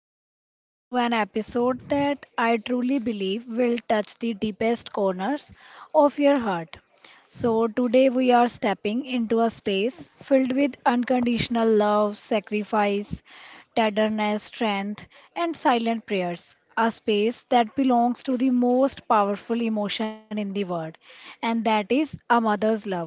listeners, to an episode that I truly believe will touch the deepest corners of your heart. So, today we are stepping into a space filled with unconditional love, sacrifice, tenderness, strength, and silent prayers. A space that belongs to the most powerful emotion in the world, and that is a mother's love.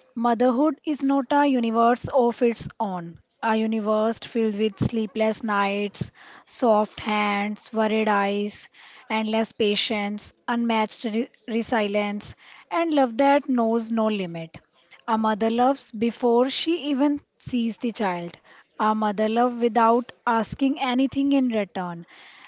Motherhood is not a universe of its own, a universe filled with sleepless nights, soft hands, worried eyes, endless patience, unmatched resilience, and love that knows no limit. A mother loves before she even sees the child. A mother loves without asking anything in return.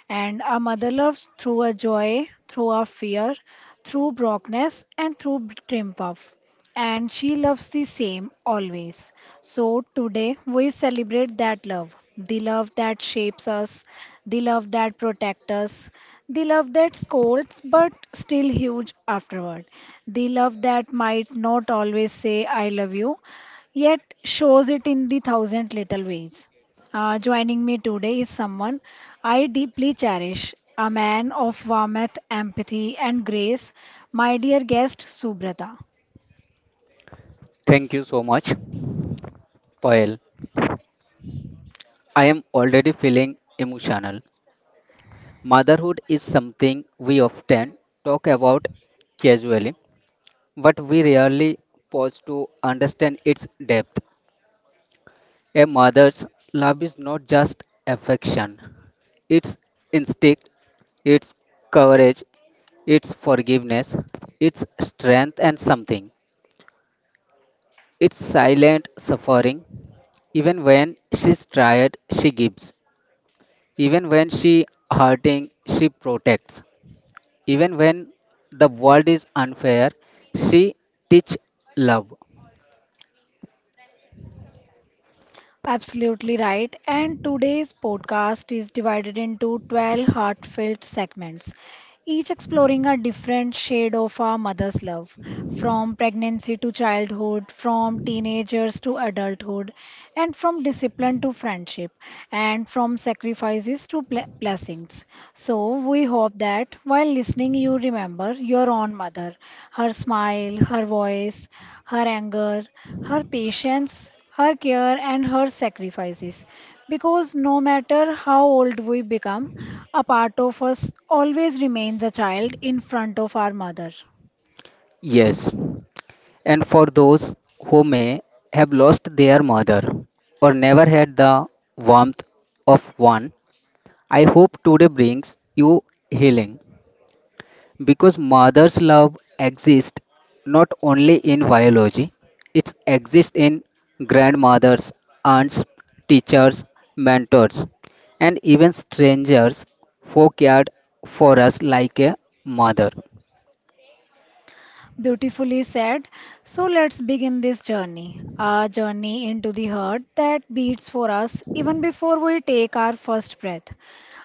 And a mother loves through a joy, through a fear, through brokenness, and through triumph, and she loves the same always. So today we celebrate that love, the love that shapes us, the love that protects us, the love that scolds but still huge afterward, the love that might not always say I love you, yet shows it in the thousand little ways. Joining me today is someone I deeply cherish, a man of warmth, empathy, and grace, my dear guest Subrata. Thank you so much, Payal. I am already feeling emotional. Motherhood is something we often talk about casually, but we rarely pause to understand its depth. A mother's love is not just affection, it's instinct, it's courage, it's forgiveness, it's strength and something. It's silent suffering. Even when she's tired, she gives. Even when she hurting, she protects. Even when the world is unfair, she teach love. Absolutely right. And today's podcast is divided into 12 heartfelt segments, each exploring a different shade of our mother's love, from pregnancy to childhood, from teenagers to adulthood, and from discipline to friendship, and from sacrifices to blessings. So, we hope that while listening, you remember your own mother, her smile, her voice, her anger, her patience, her care, and her sacrifices. Because no matter how old we become, a part of us always remains a child in front of our mother. Yes. And for those who may have lost their mother or never had the warmth of one, I hope today brings you healing. Because mother's love exists not only in biology, it exists in grandmothers, aunts, teachers, mentors, and even strangers who cared for us like a mother. Beautifully said. So let's begin this journey, a journey into the heart that beats for us even before we take our first breath,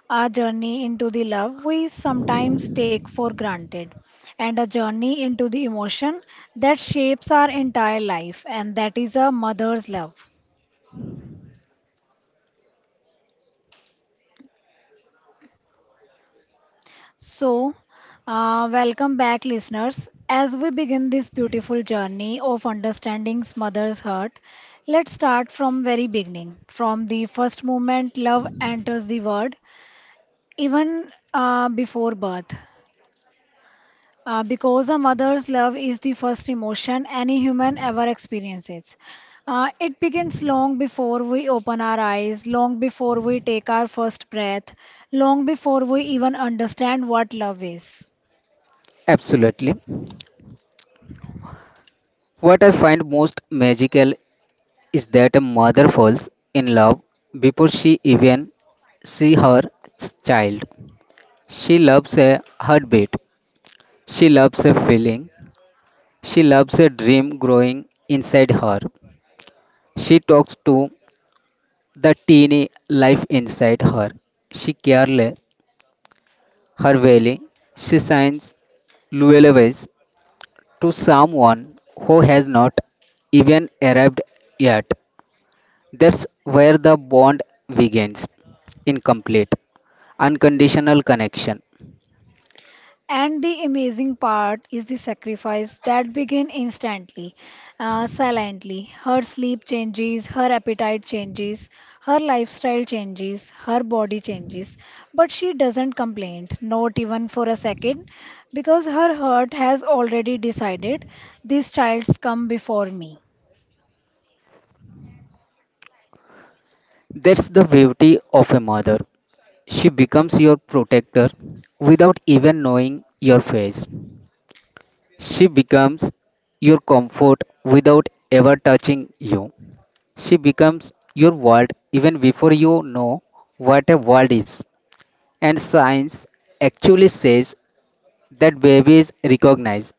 a journey into the love we sometimes take for granted, and a journey into the emotion that shapes our entire life, and that is a mother's love. So, welcome back, listeners. As we begin this beautiful journey of understanding mother's heart, let's start from very beginning, from the first moment love enters the world, even before birth, because a mother's love is the first emotion any human ever experiences. It begins long before we open our eyes, long before we take our first breath, long before we even understand what love is. Absolutely. What I find most magical is that a mother falls in love before she even see her child. She loves a heartbeat. She loves a feeling. She loves a dream growing inside her. She talks to the teeny life inside her. She careless her valley. She signs lullabies to someone who has not even arrived yet. That's where the bond begins. Incomplete, unconditional connection. And the amazing part is the sacrifice that begin instantly, silently. Her sleep changes, her appetite changes, her lifestyle changes, her body changes. But she doesn't complain, not even for a second, because her heart has already decided these childs come before me. That's the beauty of a mother. She becomes your protector without even knowing your face. She becomes your comfort without ever touching you. She becomes your world even before you know what a world is. And science actually says that babies recognize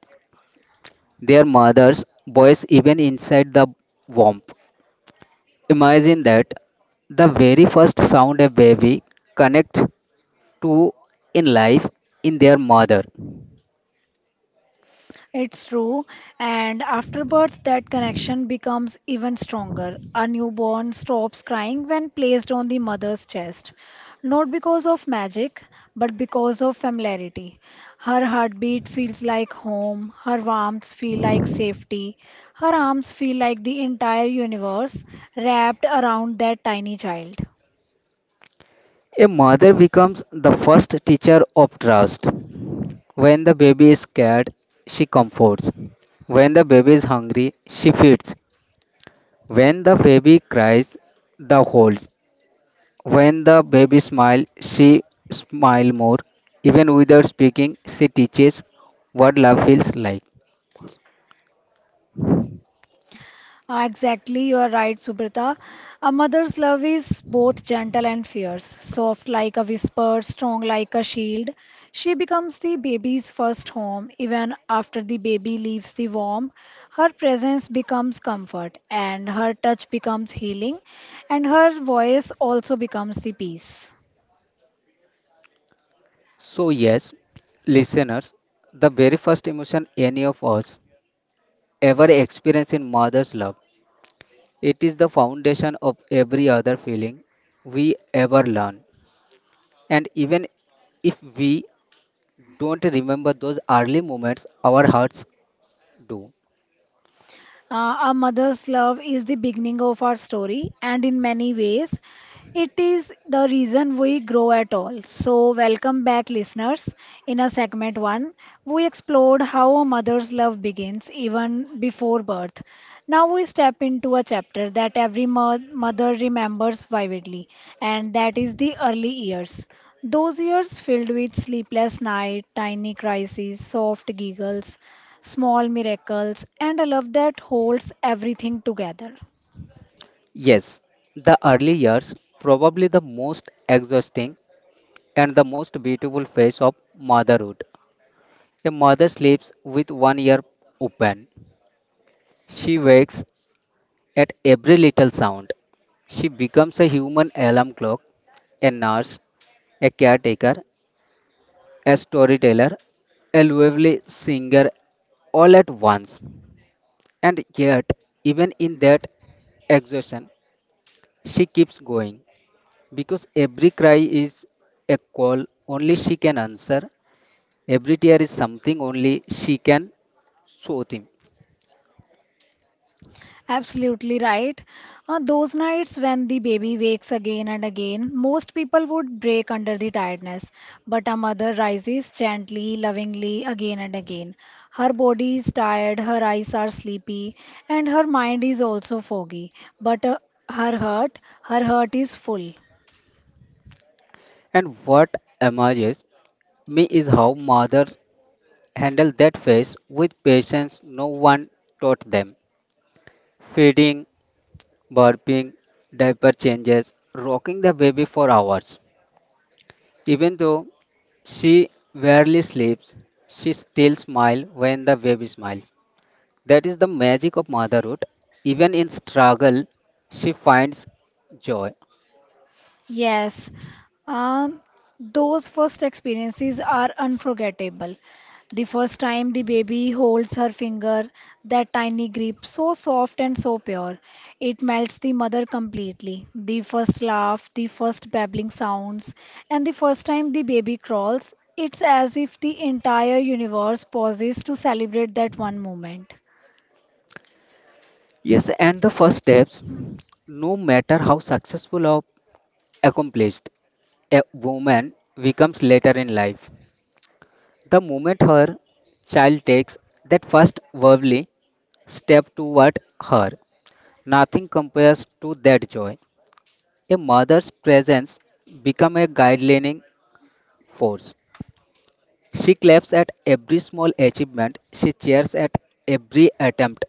their mother's voice even inside the womb. Imagine that the very first sound a baby connects to in life in their mother. It's true. And after birth, that connection becomes even stronger. A newborn stops crying when placed on the mother's chest, not because of magic, but because of familiarity. Her heartbeat feels like home, her warmth feel like safety, her arms feel like the entire universe wrapped around that tiny child. A mother becomes the first teacher of trust. When the baby is scared, she comforts. When the baby is hungry, she feeds. When the baby cries, the holds. When the baby smiles, she smiles more. Even without speaking, she teaches what love feels like. Exactly, you are right, Subrata. A mother's love is both gentle and fierce, soft like a whisper, strong like a shield. She becomes the baby's first home. Even after the baby leaves the womb, her presence becomes comfort, and her touch becomes healing, and her voice also becomes the peace. So, yes, listeners, the very first emotion any of us ever experience in mother's love. It is the foundation of every other feeling we ever learn. And even if we don't remember those early moments, our hearts do. Our mother's love is the beginning of our story, and in many ways, it is the reason we grow at all. So, welcome back, listeners. In a segment one, we explored how a mother's love begins even before birth. Now, we step into a chapter that every mother remembers vividly, and that is the early years. Those years filled with sleepless nights, tiny crises, soft giggles, small miracles, and a love that holds everything together. Yes, the early years, probably the most exhausting and the most beautiful phase of motherhood. A mother sleeps with one ear open. She wakes at every little sound. She becomes a human alarm clock, a nurse, a caretaker, a storyteller, a lovely singer all at once. And yet, even in that exhaustion, she keeps going because every cry is a call only she can answer, every tear is something only she can soothe him. Absolutely right. Those nights when the baby wakes again and again, most people would break under the tiredness, but a mother rises gently, lovingly again and again. Her body is tired, her eyes are sleepy, and her mind is also foggy, but her heart is full. And what amazes me is how mothers handle that phase with patience no one taught them. Feeding, burping, diaper changes, rocking the baby for hours. Even though she rarely sleeps, she still smiles when the baby smiles. That is the magic of motherhood. Even in struggle, she finds joy. Yes, um, those first experiences are unforgettable. The first time the baby holds her finger, that tiny grip, so soft and so pure, it melts the mother completely. The first laugh, the first babbling sounds, and the first time the baby crawls, it's as if the entire universe pauses to celebrate that one moment. Yes, and the first steps, no matter how successful or accomplished a woman becomes later in life, the moment her child takes that first verbally step toward her, nothing compares to that joy. A mother's presence becomes a guiding force. She claps at every small achievement, she cheers at every attempt.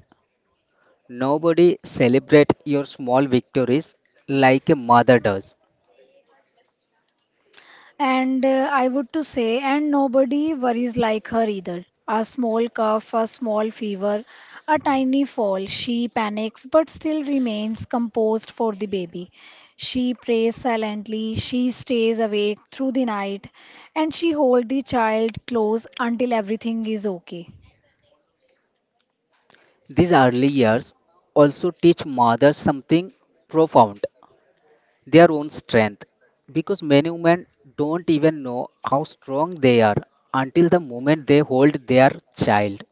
Nobody celebrates your small victories like a mother does. And I would to say, and nobody worries like her either. A small cough, a small fever, a tiny fall. She panics but still remains composed for the baby. She prays silently, she stays awake through the night, and she holds the child close until everything is okay. These early years also teach mothers something profound, their own strength. Because many women don't even know how strong they are until the moment they hold their child.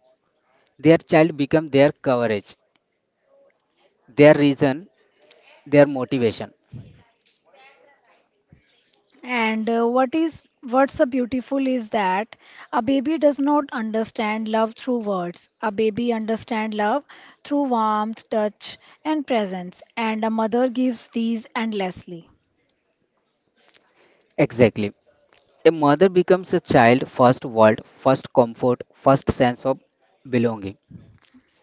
Their child becomes their courage, their reason, their motivation. And what's so beautiful is that a baby does not understand love through words. A baby understands love through warmth, touch, and presence, and a mother gives these endlessly. Exactly. A mother becomes a child first world, first comfort, first sense of belonging.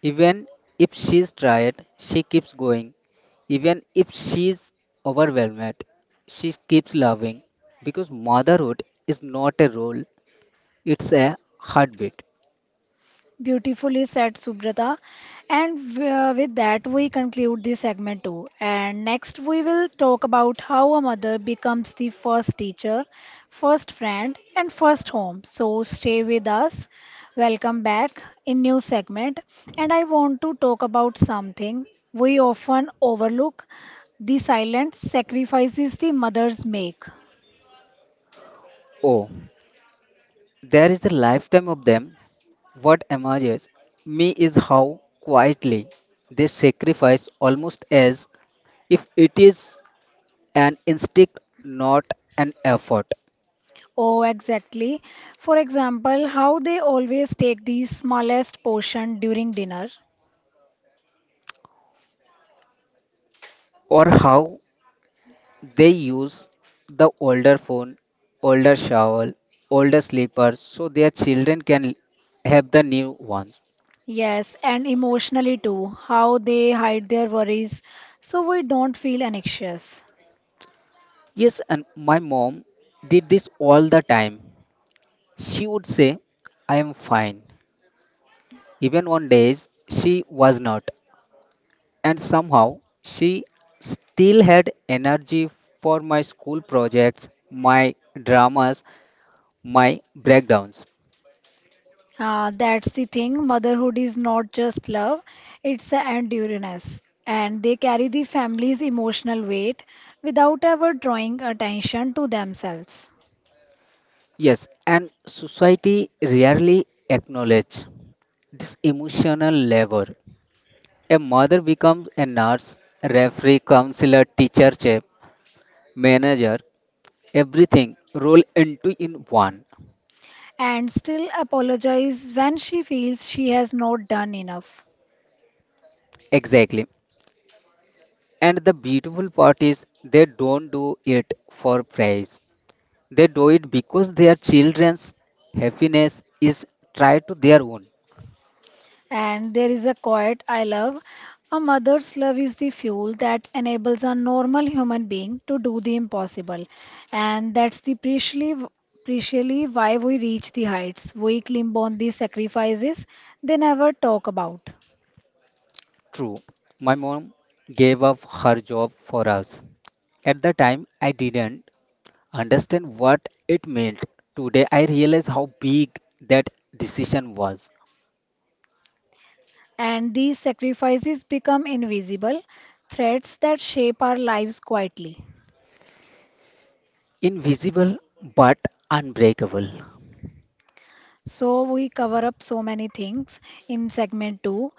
Even if she's tired, she keeps going. Even if she's overwhelmed, she keeps loving because motherhood is not a role, it's a heartbeat. Beautifully said, Subrata. And with that, we conclude this segment too. And next, we will talk about how a mother becomes the first teacher, first friend, and first home. So stay with us. Welcome back in new segment. And I want to talk about something we often overlook: the silent sacrifices the mothers make. Oh, there is the lifetime of them. What emerges me is how quietly they sacrifice, almost as if it is an instinct, not an effort, Oh, exactly. For example, how they always take the smallest portion during dinner. or how they use the older phone, older shovel, older slippers so their children can have the new ones. Yes, and emotionally too, how they hide their worries so we don't feel anxious. Yes, and my mom did this all the time. She would say, I am fine, even on days she was not. And somehow she still had energy for my school projects, my dramas, my breakdowns. Ah, that's the thing. Motherhood is not just love, it's an endurance. And they carry the family's emotional weight without ever drawing attention to themselves. Yes, and society rarely acknowledge this emotional labor. A mother becomes a nurse, referee, counselor, teacher, chef, manager, everything roll into in one. And still apologize when she feels she has not done enough. Exactly. And the beautiful part is they don't do it for praise. They do it because their children's happiness is tied to their own. And there is a quote I love. A mother's love is the fuel that enables a normal human being to do the impossible. And that's the preciously why we reach the heights. We climb on the sacrifices they never talk about. True, my mom gave up her job for us. At the time, I didn't understand what it meant. Today, I realize how big that decision was. And these sacrifices become invisible threads that shape our lives quietly. Invisible but unbreakable. So we cover up so many things in segment two.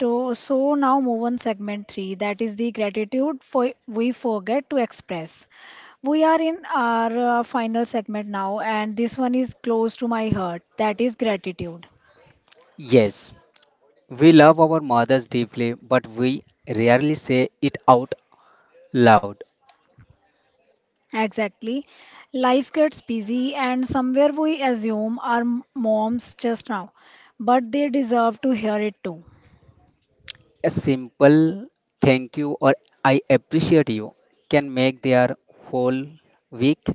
To, so now move on segment three. That is the gratitude for we forget to express. We are in our final segment now, and this one is close to my heart. That is gratitude. Yes, we love our mothers deeply, but we rarely say it out loud. Exactly. Life gets busy, and somewhere we assume our moms just now, but they deserve to hear it too. A simple thank you or I appreciate you can make their whole week.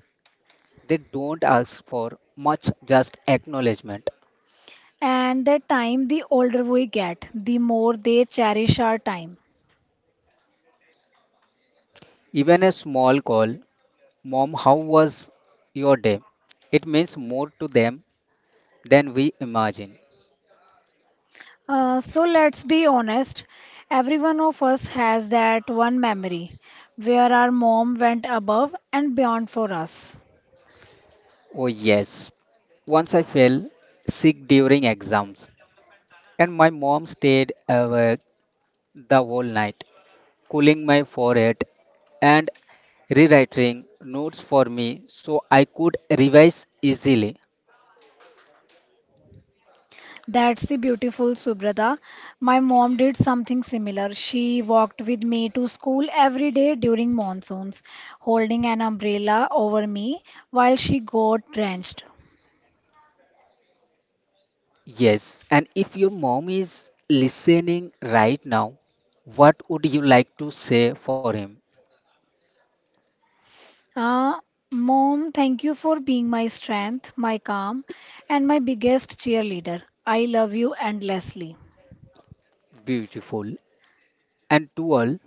They don't ask for much, just acknowledgement. And that time, the older we get, the more they cherish our time. Even a small call, Mom, how was your day? It means more to them than we imagine. So let's be honest, every one of us has that one memory where our mom went above and beyond for us. Oh, yes. Once I fell sick during exams, and my mom stayed awake the whole night, cooling my forehead and rewriting notes for me so I could revise easily. That's the beautiful Subrata. My mom did something similar. She walked with me to school every day during monsoons, holding an umbrella over me while she got drenched. Yes, and if your mom is listening right now, what would you like to say for him? Uh, Mom, thank you for being my strength, my calm, and my biggest cheerleader. I love you endlessly. Beautiful. And to all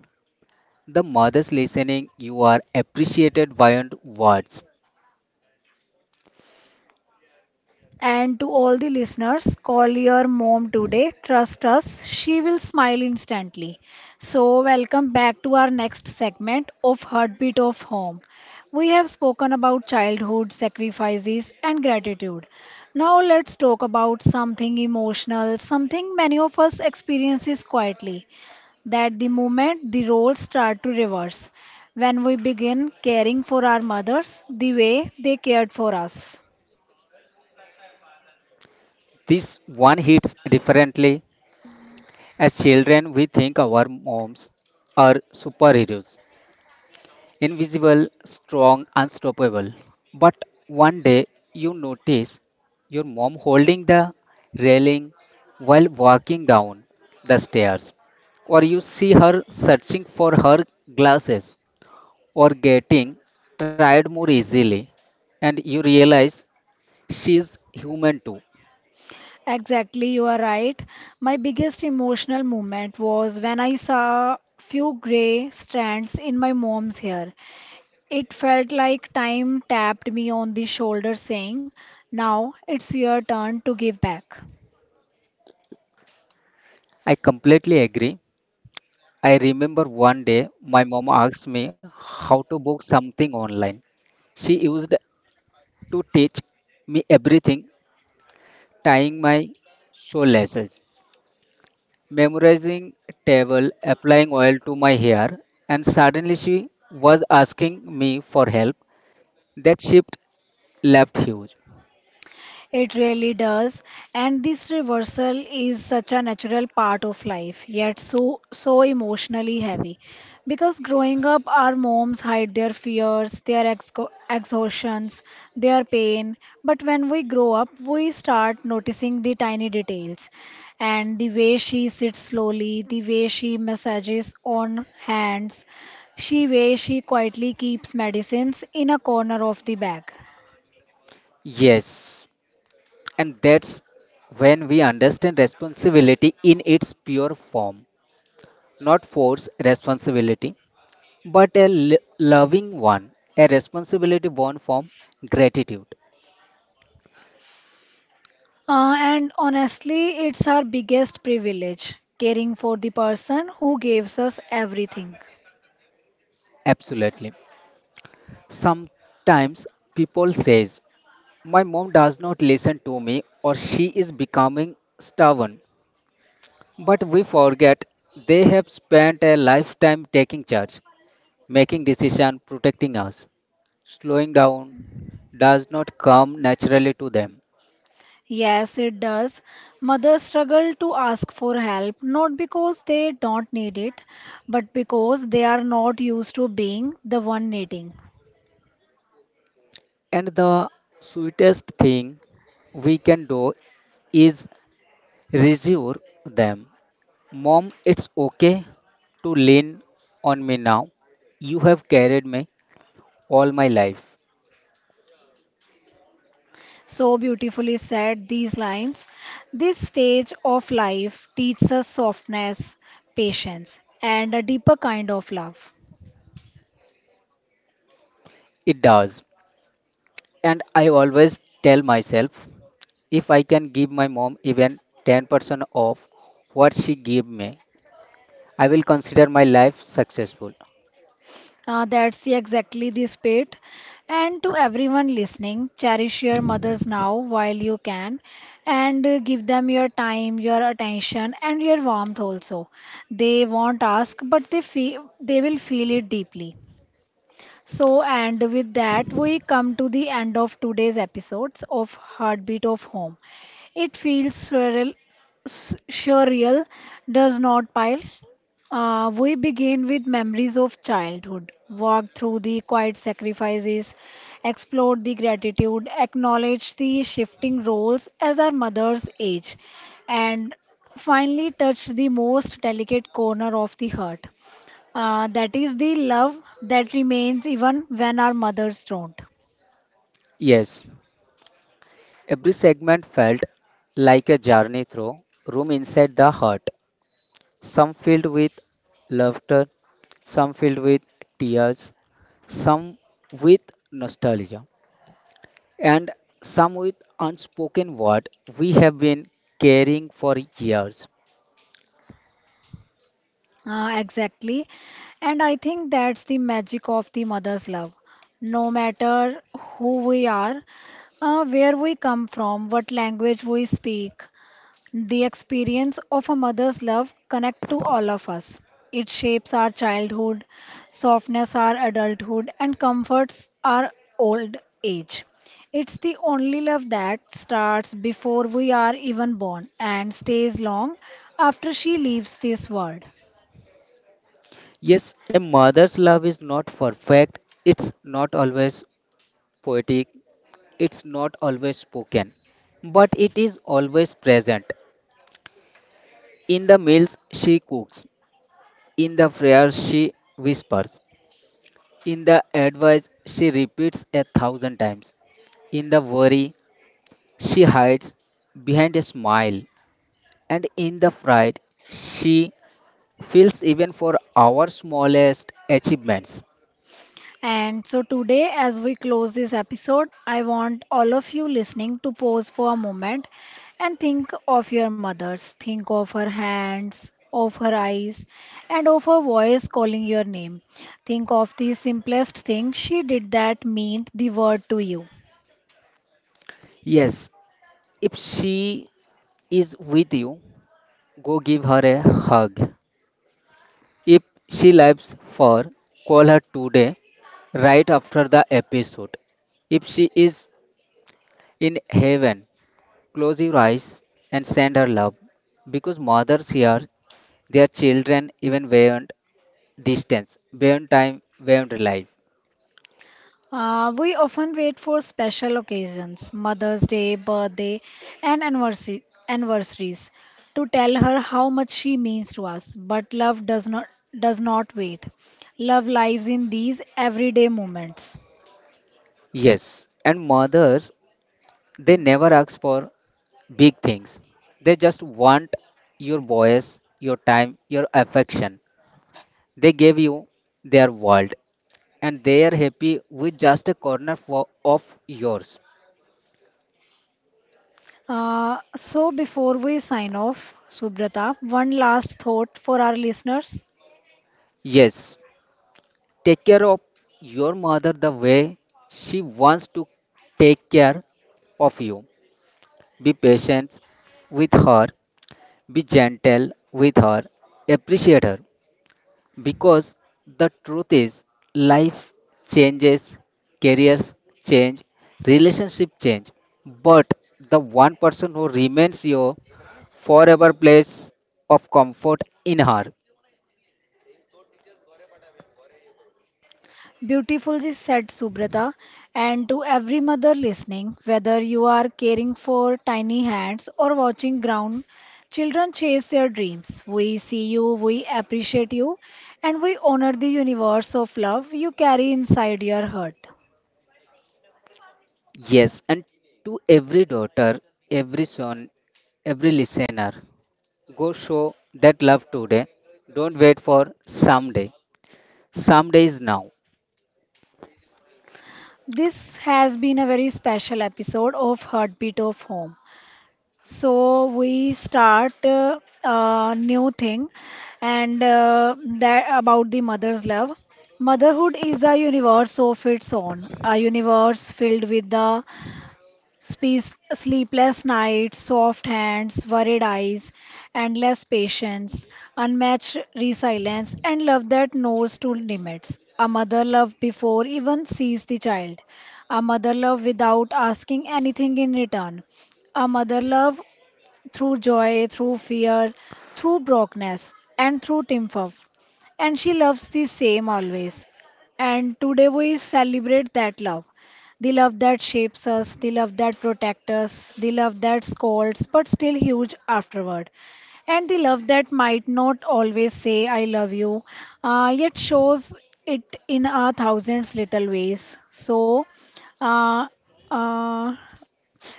the mothers listening, you are appreciated beyond words. And to all the listeners, call your mom today. Trust us, she will smile instantly. So, welcome back to our next segment of Heartbeat of Home. We have spoken about childhood sacrifices and gratitude. Now, let's talk about something emotional, something many of us experiences quietly that the moment the roles start to reverse when we begin caring for our mothers the way they cared for us. This one hits differently. As children, we think our moms are superheroes. Invisible, strong, unstoppable. But one day you notice your mom holding the railing while walking down the stairs, or you see her searching for her glasses or getting tired more easily, and you realize she is human too. Exactly, you are right. My biggest emotional moment was when I saw few gray strands in my mom's hair. It felt like time tapped me on the shoulder saying, now it's your turn to give back. I completely agree. I remember one day my mom asked me how to book something online. She used to teach me everything, tying my shoelaces, memorizing table, applying oil to my hair, and suddenly she was asking me for help. That shift left huge. It really does. And this reversal is such a natural part of life, yet so so emotionally heavy. Because growing up, our moms hide their fears, their exhaustions, their pain. But when we grow up, we start noticing the tiny details. And the way she sits slowly, the way she massages on hands, she way she quietly keeps medicines in a corner of the bag. Yes, and that's when we understand responsibility in its pure form, not force responsibility, but a loving one, a responsibility born from gratitude. And honestly, it's our biggest privilege, caring for the person who gives us everything. Absolutely. Sometimes people says, My mom does not listen to me, or she is becoming stubborn. But we forget they have spent a lifetime taking charge, making decisions, protecting us. Slowing down does not come naturally to them. Yes, it does. Mothers struggle to ask for help not because they don't need it, but because they are not used to being the one needing. And the sweetest thing we can do is reassure them. Mom, it's okay to lean on me now. You have carried me all my life. So beautifully said these lines. This stage of life teaches us softness, patience, and a deeper kind of love. It does. And I always tell myself, if I can give my mom even 10% of what she gave me, I will consider my life successful. Exactly the spirit. And to everyone listening, cherish your mothers now while you can, and give them your time, your attention, and your warmth also. They won't ask, but they will feel it deeply. So, and with that, we come to the end of today's episodes of Heartbeat of Home. It feels surreal, surreal, does not pile. We begin with memories of childhood, walk through the quiet sacrifices, explore the gratitude, acknowledge the shifting roles as our mothers age, and finally touch the most delicate corner of the heart. That is the love that remains even when our mothers don't. Yes, every segment felt like a journey through room inside the heart, some filled with laughter, some filled with tears, some with nostalgia, and some with unspoken word we have been carrying for years. Exactly. And I think that's the magic of the mother's love. No matter who we are, where we come from, what language we speak, the experience of a mother's love connect to all of us. It shapes our childhood, softness our adulthood, and comforts our old age. It's the only love that starts before we are even born and stays long after she leaves this world. Yes, a mother's love is not perfect, it's not always poetic, it's not always spoken, but it is always present. In the meals she cooks, in the prayers she whispers, in the advice she repeats a thousand times, in the worry she hides behind a smile, and in the pride she feels even for our smallest achievements. And so today, as we close this episode, I want all of you listening to pause for a moment and think of your mothers. Think of her hands, of her eyes, and of her voice calling your name. Think of the simplest thing she did that meant the word to you. Yes, if she is with you, go give her a hug. If she lives for, call her today, right after the episode. If she is in heaven, close your eyes and send her love. Because mothers hear their children even beyond distance, beyond time, beyond life. We often wait for special occasions, Mother's Day, birthday, and anniversaries, to tell her how much she means to us. But love does not wait. Love lives in these everyday moments. Yes, and mothers, they never ask for big things. They just want your voice, your time, your affection. They gave you their world, and they are happy with just a corner for, of yours. So before we sign off, Subrata, one last thought for our listeners. Yes, take care of your mother the way she wants to take care of you. Be patient with her, be gentle with her, appreciate her because the truth is life changes, careers change, relationship change, but the one person who remains your forever place of comfort in her. Beautifully said, Subrata. And to every mother listening, whether you are caring for tiny hands or watching ground, children chase their dreams. We see you, we appreciate you, and we honor the universe of love you carry inside your heart. Yes, and to every daughter, every son, every listener, go show that love today. Don't wait for someday. Someday is now. This has been a very special episode of Heartbeat of Home. So we start a new thing and that about the mother's love. Motherhood is a universe of its own, a universe filled with the sleepless nights, soft hands, worried eyes, endless patience, unmatched resilience, and love that knows no limits. A mother love before even sees the child, a mother love without asking anything in return. A mother love through joy, through fear, through brokenness, and through triumph. And she loves the same always. And today we celebrate that love. The love that shapes us, the love that protects us, the love that scolds but still huge afterward. And the love that might not always say, I love you, yet shows it in a thousands little ways. So, uh, uh,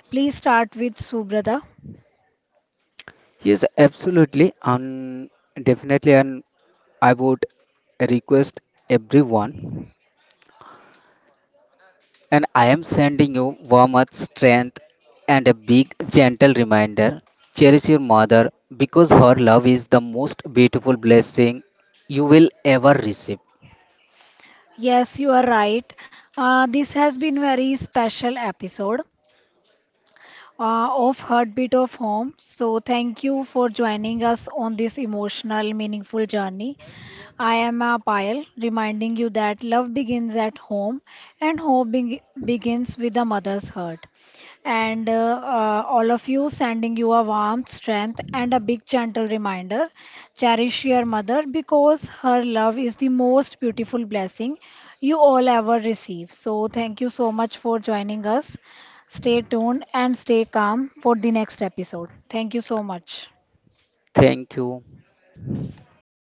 please start with Subrata. Yes, absolutely and definitely, and I would request everyone. And I am sending you warmth, strength, and a big gentle reminder, cherish your mother because her love is the most beautiful blessing you will ever receive. Yes, you are right. This has been very special episode of Heartbeat of Home. So thank you for joining us on this emotional, meaningful journey. I am a Payal, reminding you that love begins at home and hope begins with a mother's heart. And all of you, sending you a warm strength and a big gentle reminder. Cherish your mother because her love is the most beautiful blessing you all ever receive. So, thank you so much for joining us. Stay tuned and stay calm for the next episode. Thank you so much. Thank you.